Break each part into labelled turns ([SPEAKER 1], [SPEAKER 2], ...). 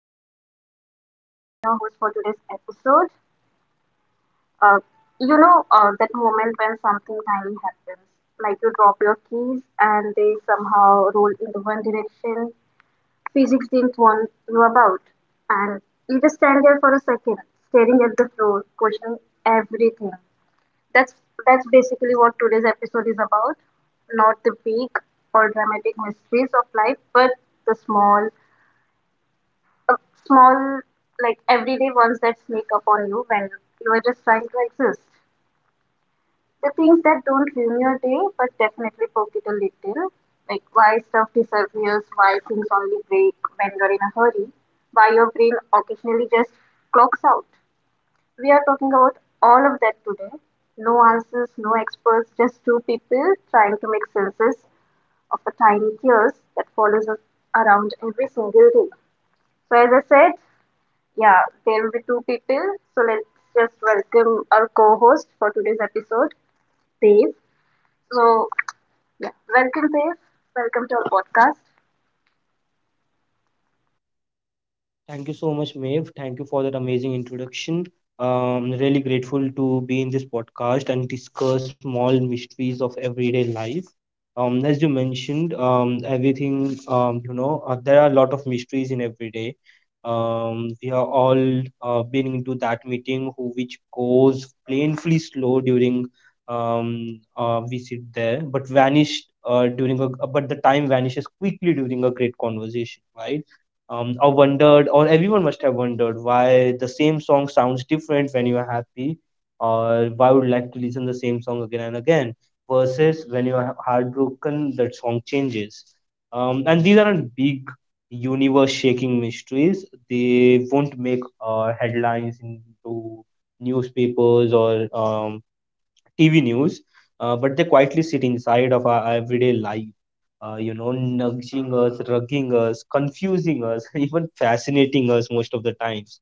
[SPEAKER 1] Maeve and I'm your host for today's episode. Uh, that moment when something tiny happens, like you drop your keys and they somehow roll in the one direction physics didn't warn you about, and you just stand there for a second, staring at the floor, questioning everything that's that's basically what today's episode is about. Not the big or dramatic mysteries of life, but the uh, small, like everyday ones that sneak up on you when you are just trying to exist. The things that don't ruin your day, but definitely poke it a little. Like why stuff disappears, why things only break when you're in a hurry, why your brain occasionally just clocks out. We are talking about all of that today. No answers, no experts, just two people trying to make senses of a tiny chaos that follows us around every single day. So, as I said, yeah, there will be two people. So, let's just welcome our co host for today's episode, Dave. So, yeah, welcome, Dave. Welcome to our podcast.
[SPEAKER 2] Thank you so much, Maeve. Thank you for that amazing introduction. Really grateful to be in this podcast and discuss small mysteries of everyday life. As you mentioned, everything, you know, there are a lot of mysteries in everyday. We are all been into that meeting who which goes painfully slow during we sit there, but vanished during a, but the time vanishes quickly during a great conversation, right? Or wondered, or everyone must have wondered why the same song sounds different when you are happy, or why would you like to listen the same song again and again, versus when you are heartbroken, that song changes. And these aren't big universe-shaking mysteries. They won't make headlines into newspapers or TV news, but they quietly sit inside of our everyday life, nudging us, rugging us, confusing us, even fascinating us most of the times.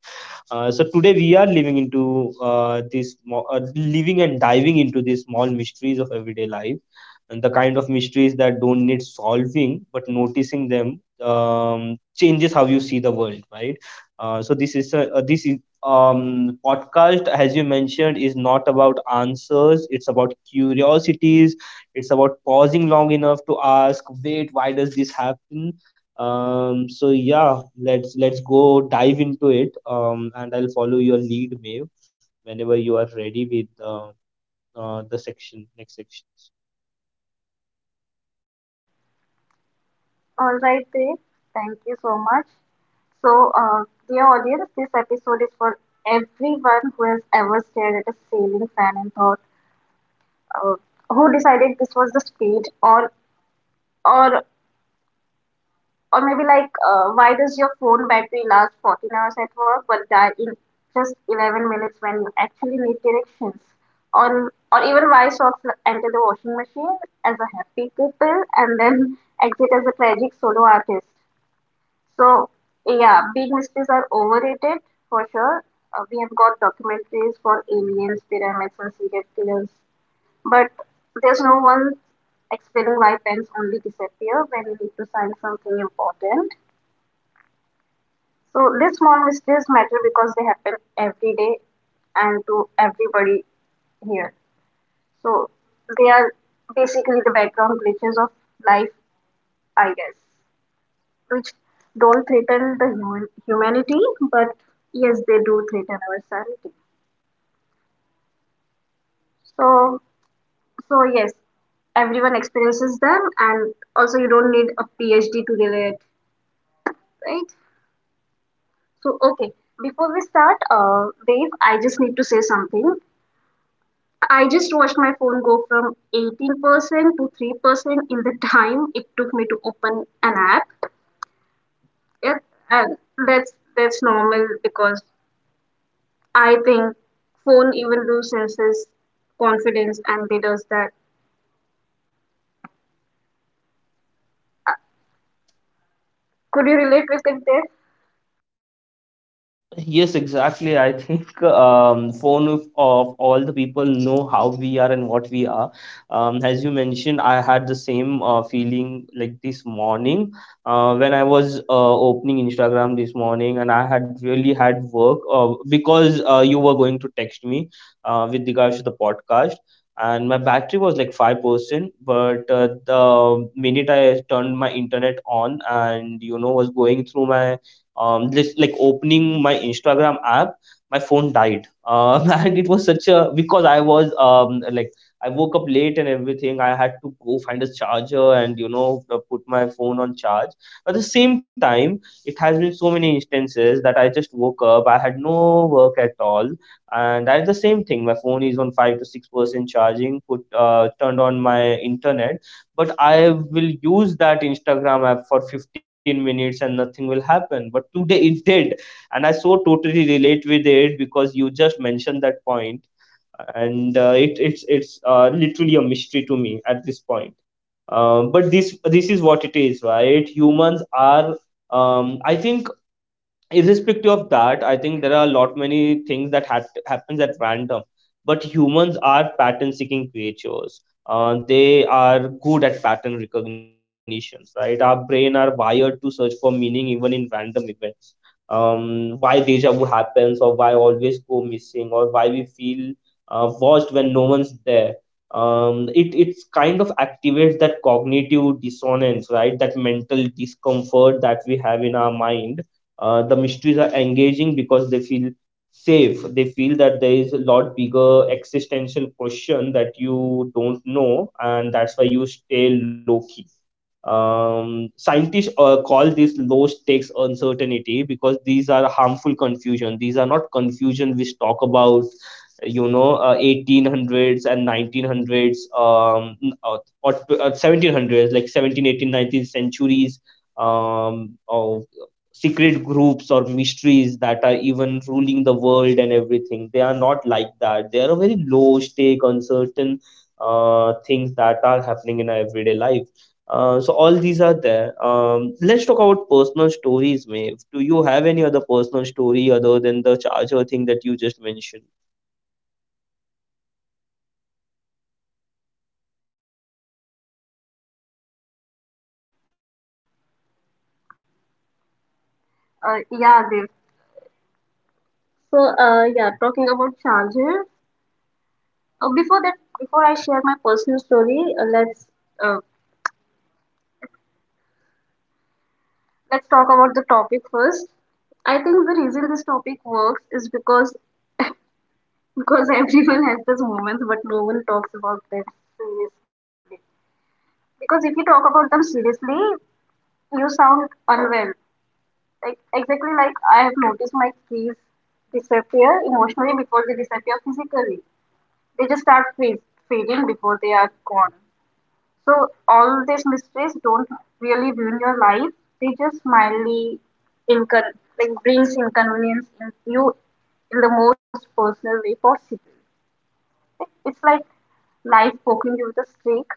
[SPEAKER 2] So today we are living and diving into these small mysteries of everyday life, and the kind of mysteries that don't need solving, but noticing them changes how you see the world, right? This is podcast, as you mentioned, is not about answers, it's about curiosities, it's about pausing long enough to ask, wait, why does this happen? So yeah, let's go dive into it, and I'll follow your lead, Maeve, whenever you are ready with the section next section.
[SPEAKER 1] All right, Dev. Thank you so much. So, dear audience, this episode is for everyone who has ever stared at a ceiling fan and thought, uh, who decided this was the speed, or or maybe like, why does your phone battery last 14 hours at work but die in just 11 minutes when you actually need directions? Or even why socks enter the washing machine as a happy couple and then exit as a tragic solo artist? So yeah, big mysteries are overrated for sure. We have got documentaries for aliens, pyramids, and serial killers, but there's no one explaining why pens only disappear when you need to sign something important. So these small mysteries matter because they happen every day and to everybody here. So they are basically the background glitches of life, I guess, which don't threaten the humanity, but yes, they do threaten our sanity. So, so yes, everyone experiences them, and also you don't need a PhD to relate, right? So, okay, before we start, Dave, I just need to say something. I just watched my phone go from 18% to 3% in the time it took me to open an app. Yeah, and that's normal because I think phone even loses confidence and they does that. Could you relate with it there?
[SPEAKER 2] Yes, exactly. I think phone of all the people know how we are and what we are. As you mentioned, I had the same feeling like this morning when I was opening Instagram this morning, and I had really had work because you were going to text me with regards to the podcast, and my battery was like 5%. But the minute I turned my internet on, and you know, was going through my just like opening my Instagram app, my phone died. And it was such a, because I was like I woke up late and everything. I had to go find a charger, and you know, put my phone on charge. But at the same time, it has been so many instances that I just woke up. I had no work at all, and that's the same thing. My phone is on 5 to 6% charging. Put turned on my internet, but I will use that Instagram app for 15 minutes and nothing will happen, but today it did. And I so totally relate with it because you just mentioned that point. And it's literally a mystery to me at this point. But this is what it is, right? Humans are, I think, irrespective of that, I think there are a lot many things that had happens at random, but humans are pattern seeking creatures. They are good at pattern recognition, right? Our brain are wired to search for meaning even in random events. Why deja vu happens, or why I always go missing, or why we feel watched when no one's there. Um, it it's kind of activates that cognitive dissonance, right? That mental discomfort that we have in our mind. The mysteries are engaging because they feel safe. They feel that there is a lot bigger existential question that you don't know, and that's why you stay low key. Scientists call this low stakes uncertainty because these are harmful confusion. These are not confusion which talk about, 1800s and 1900s, 1700s, like seventeen, eighteen, nineteenth centuries, of secret groups or mysteries that are even ruling the world and everything. They are not like that. They are a very low stake, uncertain things that are happening in our everyday life. So all these are there. Let's talk about personal stories, Maeve. Do you have any other personal story other than the charger thing that you just mentioned?
[SPEAKER 1] Yeah, Dev. So, yeah, talking about charger. Uh, before that, Before I share my personal story, uh, let's talk about the topic first. I think the reason this topic works is because because everyone has those moments, but no one talks about them seriously. Because if you talk about them seriously, you sound unwell, like exactly like I have noticed my trees disappear emotionally before they disappear physically. They just start fading before they are gone. So all these mysteries don't really ruin your life. They just mildly incon like brings inconvenience in you in the most personal way possible. It's like life poking you with a stick,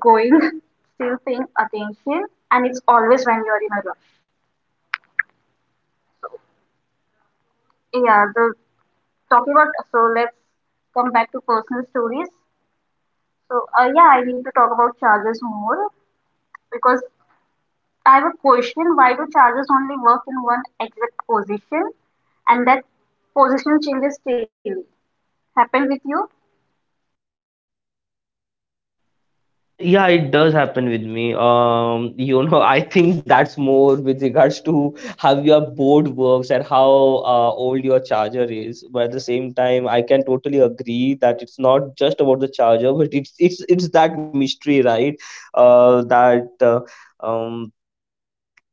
[SPEAKER 1] going, still paying attention, and it's always when you're in a rush. Yeah, the talking about so let's come back to personal stories. So yeah, I need to talk about chargers more because I have a question: why do chargers only work in one exact position, and that position changes daily? Happened with you?
[SPEAKER 2] Yeah, it does happen with me. You know, I think that's more with regards to how your board works and how old your charger is. But at the same time, I can totally agree that it's not just about the charger, but it's that mystery, right? Uh, that uh, um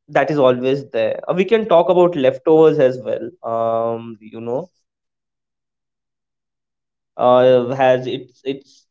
[SPEAKER 2] That is always there. We can talk about leftovers as well. You know, has it's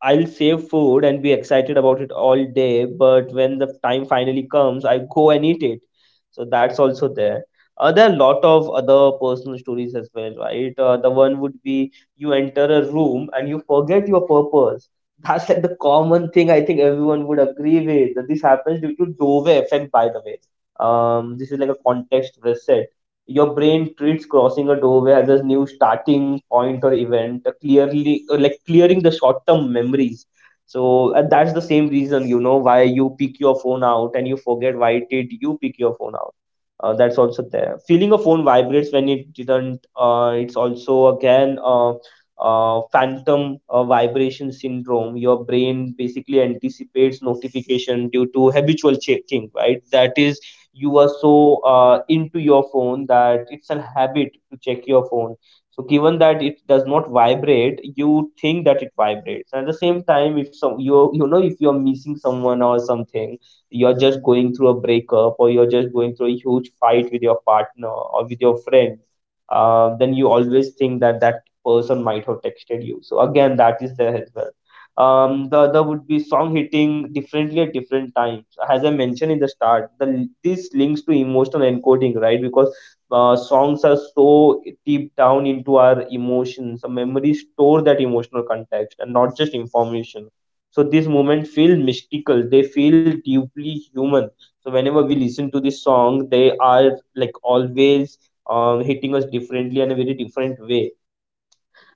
[SPEAKER 2] I'll save food and be excited about it all day, but when the time finally comes, I go and eat it. So that's also there. There are a lot of other personal stories as well, right? The one would be you enter a room and you forget your purpose. That's like the common thing I think everyone would agree with. That this happens due to Dove effect, by the way. This is like a context reset. Your brain treats crossing a doorway as a new starting point or event, clearly, like clearing the short term memories. So that's the same reason, you know, why you pick your phone out and you forget why did you pick your phone out. That's also there. Feeling a phone vibrates when it didn't, it's also again phantom vibration syndrome. Your brain basically anticipates notification due to habitual checking, right? That is, you were so into your phone that it's a habit to check your phone. So given that it does not vibrate, you think that it vibrates. And at the same time, if some you you know, if you're missing someone or something, you're just going through a breakup, or you're just going through a huge fight with your partner or with your friend, then you always think that that person might have texted you. So again, that is there as well. The other would be song hitting differently at different times. As I mentioned in the start, the this links to emotional encoding, right? Because songs are so deep down into our emotions. So memories store that emotional context and not just information. So these moments feel mystical. They feel deeply human. So whenever we listen to this song, they are like always hitting us differently in a very different way.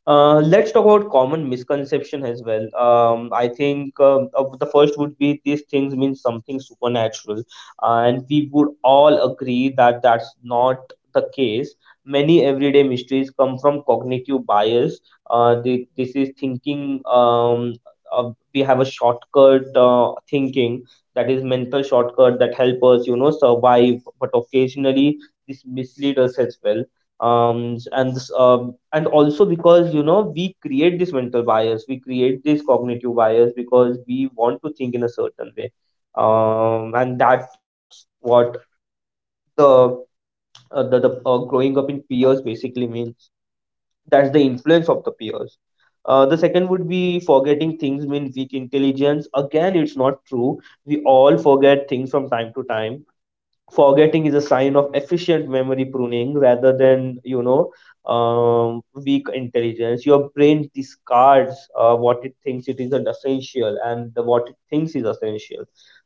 [SPEAKER 2] Let's talk about common misconception as well. I think of the first would be these things mean something supernatural, and we would all agree that that's not the case. Many everyday mysteries come from cognitive bias. This is thinking. We have a shortcut thinking, that is mental shortcut that help us, you know, survive. But occasionally, this mislead us as well. Um and this um and also because, you know, we create this mental bias, we create this cognitive bias because we want to think in a certain way. And that's what the the growing up in peers basically means. That's the influence of the peers. The second would be forgetting things mean weak intelligence. Again, it's not true. We all forget things from time to time. Forgetting is a sign of efficient memory pruning rather than, you know, weak intelligence. Your brain discards what it thinks it isn't essential, and what it thinks is essential.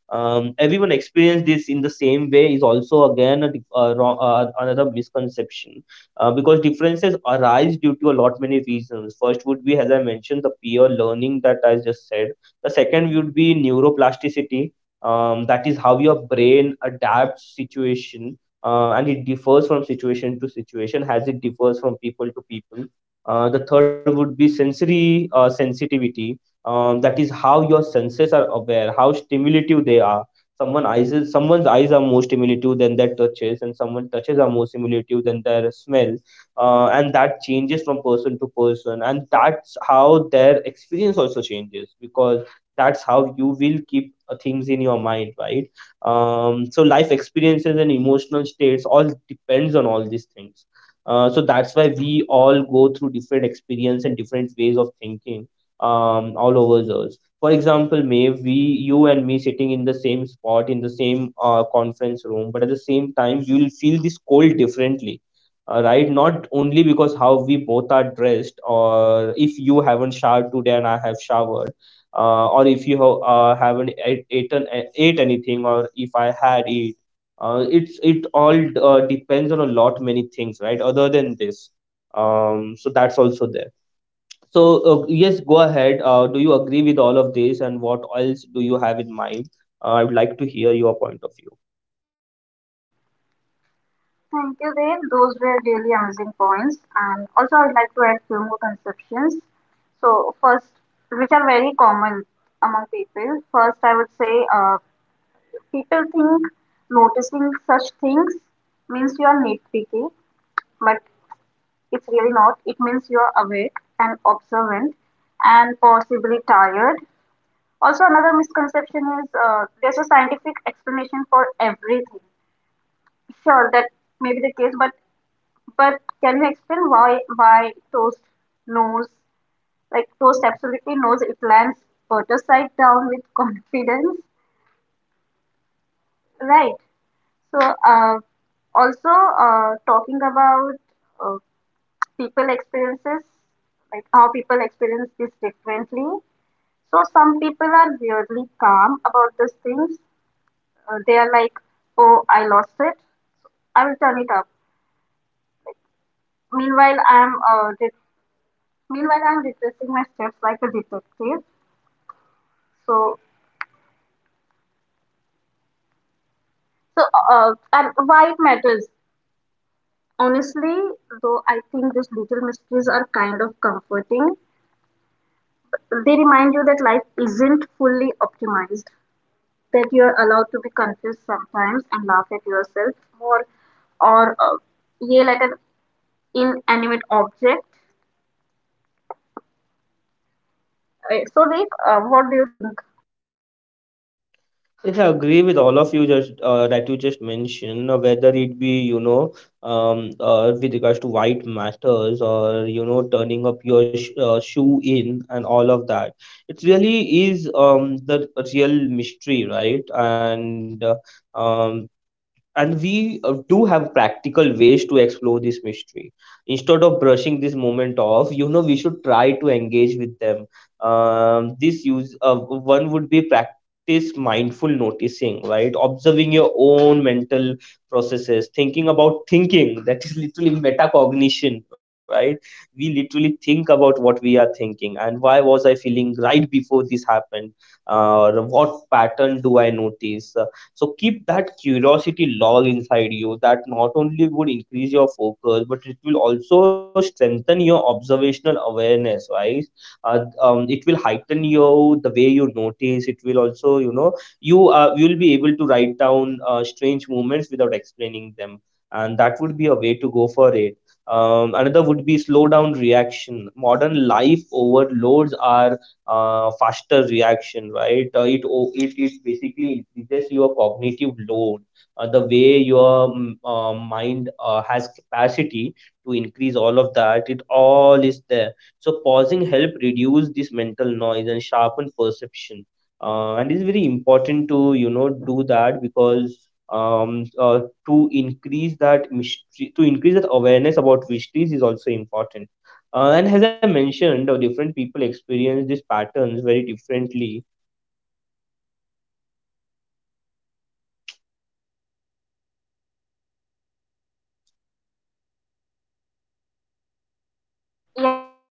[SPEAKER 2] Everyone experience this in the same way is also again another misconception. Because differences arise due to a lot many reasons. First would be, as I mentioned, the peer learning that I just said. The second would be neuroplasticity, that is how your brain adapts situation, and it differs from situation to situation as it differs from people to people. The third would be sensory sensitivity, that is how your senses are aware, how stimulative they are. Someone's eyes are more stimulative than their touches, and someone touches are more stimulative than their smell. And that changes from person to person, and that's how their experience also changes, because that's how you will keep things in your mind, right? So life experiences and emotional states all depends on all these things. So that's why we all go through different experience and different ways of thinking. All over us, for example, may we you and me sitting in the same spot in the same conference room, but at the same time you will feel this cold differently, right? Not only because how we both are dressed, or if you haven't showered today and I have showered, or if you haven't eaten a- ate anything Or if I had eat it's it all depends on a lot many things, right? Other than this, so that's also there. So yes, go ahead. Do you agree with all of this, and what else do you have in mind? I would like to hear your point of view.
[SPEAKER 1] Thank you, Dev. Those were really amazing points, and also I'd like to add few more conceptions. So first, which are very common among people, first I would say, people think noticing such things means you are nitpicky, but it's really not. It means you are awake and observant and possibly tired. Also, another misconception is, there's a scientific explanation for everything. Sure, that may be the case, but can you explain why toast knows, like toast absolutely knows it lands butter side down with confidence? Right. So, also talking about uh, people experiences, like how people experience this differently. So, some people are weirdly calm about these things. They are like, "Oh, I lost it. So, I will turn it up." Meanwhile, I'm retracing my steps like a detective. So, so, and why it matters? Honestly, though, I think these little mysteries are kind of comforting. They remind you that life isn't fully optimized, that you're allowed to be confused sometimes and laugh at yourself more, or yell at an inanimate object. So, Vic, what do you think?
[SPEAKER 2] Yes, I agree with all of you just that you just mentioned, whether it be, you know, with regards to white matters or, you know, turning up your sh shoe in and all of that. It really is the real mystery, right? And uh, um, and we do have practical ways to explore this mystery instead of brushing this moment off. You know, we should try to engage with them. This use One would be practice mindful noticing, right? Observing your own mental processes, thinking about thinking, that is literally metacognition, right? We literally think about what we are thinking, and why was I feeling right before this happened. uh, what pattern do I notice? So keep that curiosity log inside you. That not only would increase your focus, but it will also strengthen your observational awareness, right? It will heighten you the way you notice. It will also, you know, you will be able to write down strange movements without explaining them, and that would be a way to go for it. Another would be slow reaction. Modern life overloads our faster reaction, right? It it basically increases your cognitive load, the way your mind has capacity to increase all of that. It all is there. So pausing help reduce this mental noise and sharpen perception. And it's very important to, you know, do that because um uh, to increase that mystery, to increase that awareness about mysteries is also important. And as I mentioned, different people.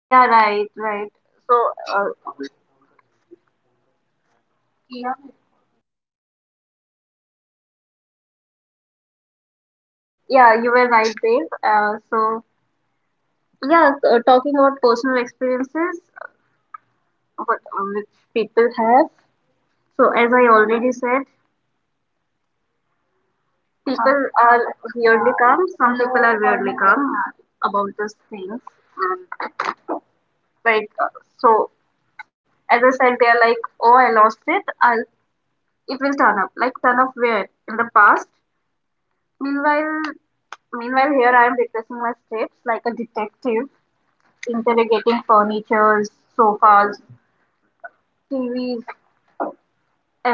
[SPEAKER 1] Yeah, right, right. So, uh, yeah, you were right, Dave. So, yeah, talking about personal experiences, which people have. So, as I already said, people are weirdly calm. Some people are weirdly calm about those things. And like, so as I said, they are like, oh, I lost it. I'll, it will turn up. Like, turn up where? In the past. Meanwhile, meanwhile, here I am retracing my steps like a detective, interrogating furnitures, sofas, TVs,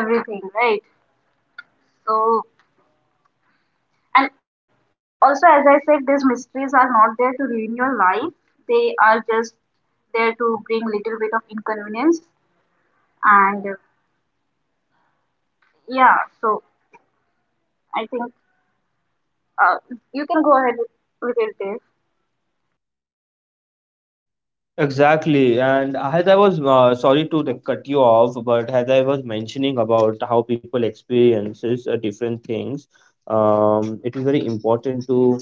[SPEAKER 1] everything, right? So, and also, as I said, these mysteries are not there to ruin your life. They are just there to bring little bit of inconvenience. And yeah, so I think uh, you can go ahead with it, Dave.
[SPEAKER 2] Exactly. And as I was sorry to, like, cut you off, but as I was mentioning about how people experiences different things, it is very important to,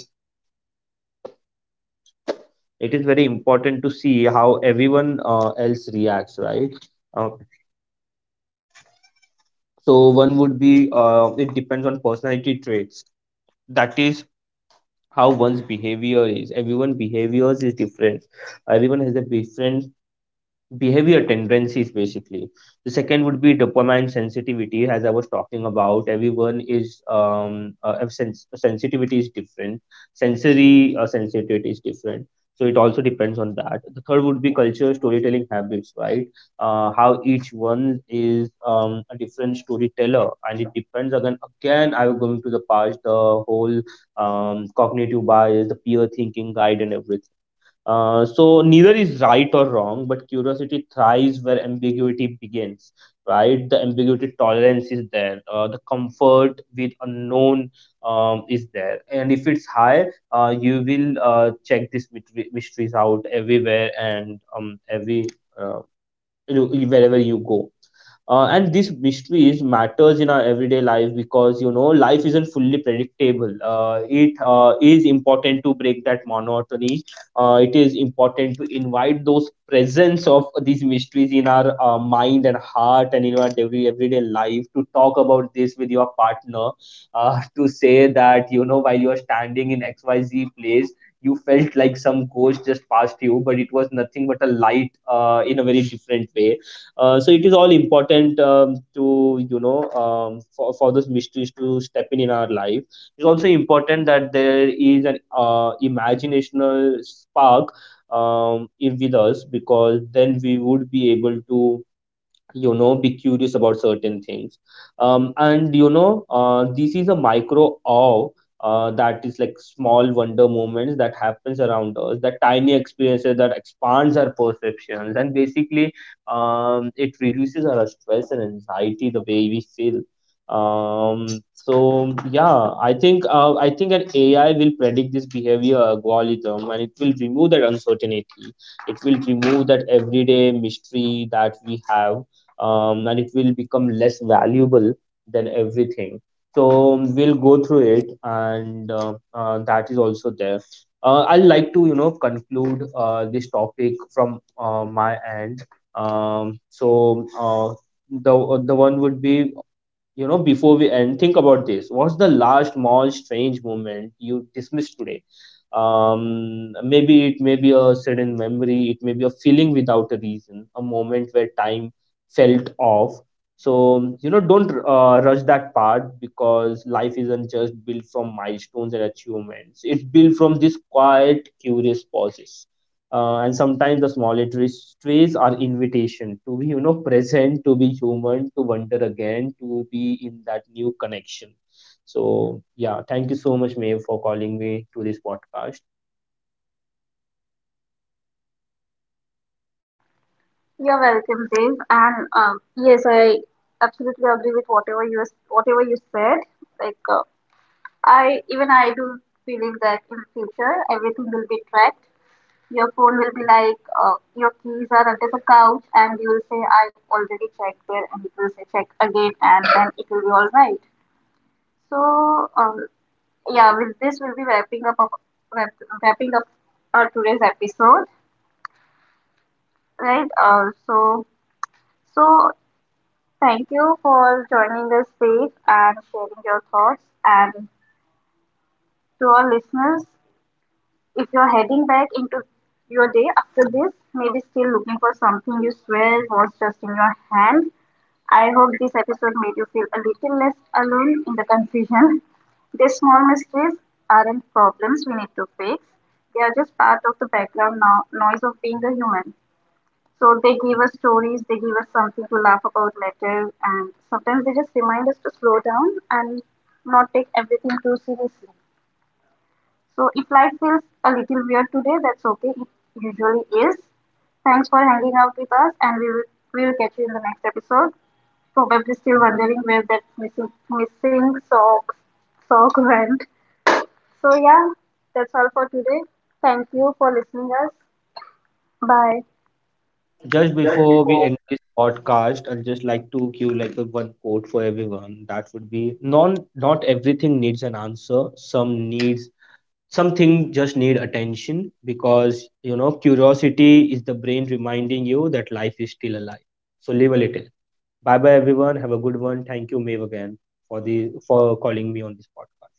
[SPEAKER 2] it is very important to see how everyone else reacts, right? Uh, so one would be, it depends on personality traits. That is how one's behavior is. Everyone behaviors is different. Everyone has a different behavior tendencies, basically. The second would be dopamine sensitivity. As I was talking about, everyone is sensitivity is different, sensory sensitivity is different. So it also depends on that. The third would be culture storytelling habits, right? How each one is, a different storyteller, and it depends. Again, I'm going to the past, the whole, cognitive bias, the peer thinking guide, and everything. So neither is right or wrong, but curiosity thrives where ambiguity begins, right? The ambiguity tolerance is there. The comfort with unknown is there, and if it's high, you will check these mysteries out everywhere and every uh, wherever you go. And these mysteries matters in our everyday life because, you know, life isn't fully predictable. It is important to break that monotony. It is important to invite those presence of these mysteries in our mind and heart and in our everyday life, to talk about this with your partner, to say that, you know, while you are standing in XYZ place, you felt like some ghost just passed you, but it was nothing but a light in a very different way. So it is all important, to, you know, for those mysteries to step in our life. It's also important that there is an imaginational spark in with us, because then we would be able to, you know, be curious about certain things, and you know. This is a micro awe, that is like small wonder moments that happens around us, that tiny experiences that expands our perceptions, and basically, it reduces our stress and anxiety the way we feel. Um, so yeah, I think I think an AI will predict this behavior algorithm, and it will remove that uncertainty. It will remove that everyday mystery that we have, and it will become less valuable than everything. So we'll go through it, and that is also there. I'd like to, you know, conclude this topic from my end. So the the one would be, you know, before we end, think about this. What's the last small, strange moment you dismissed today? Maybe it may be a sudden memory, it may be a feeling without a reason, a moment where time felt off. So, you know, don't rush that part, because life isn't just built from milestones and achievements, it's built from these quiet, curious pauses, and sometimes the small trees are invitation to be, you know, present, to be human, to wonder again, to be in that new connection. So yeah, thank you so much, Maeve, for calling me to this podcast.
[SPEAKER 1] You're welcome, Dave. And yes, I absolutely agree with whatever you said. Like I even I do feeling that in future everything will be tracked. Your phone will be like, your keys are under the couch, and you will say, I already checked there, and it will say, check again, and then it will be all right. So, yeah, with this, we'll be wrap, wrapping up our today's episode, right? So thank you for joining us today and sharing your thoughts. And to our listeners, if you're heading back into your day after this, maybe still looking for something you swear was just in your hand, I hope this episode made you feel a little less alone in the confusion. These small mistakes aren't problems we need to fix. They are just part of the background noise of being a human. So they give us stories, they give us something to laugh about later, and sometimes they just remind us to slow down and not take everything too seriously. So if life feels a little weird today, that's okay. It usually is. Thanks for hanging out with us, and we will catch you in the next episode, probably still wondering where that missing, missing sock, sock went. So yeah, that's all for today. Thank you for listening us. Bye.
[SPEAKER 2] Just
[SPEAKER 1] Just
[SPEAKER 2] before we
[SPEAKER 1] before
[SPEAKER 2] end this podcast, I'd just like to give, like, a one quote for everyone. That would be, non not everything needs an answer, some needs something, just need attention, because, you know, curiosity is the brain reminding you that life is still alive. So live a little. Bye bye, everyone, have a good one. Thank you, Maeve, again, for calling me on this podcast.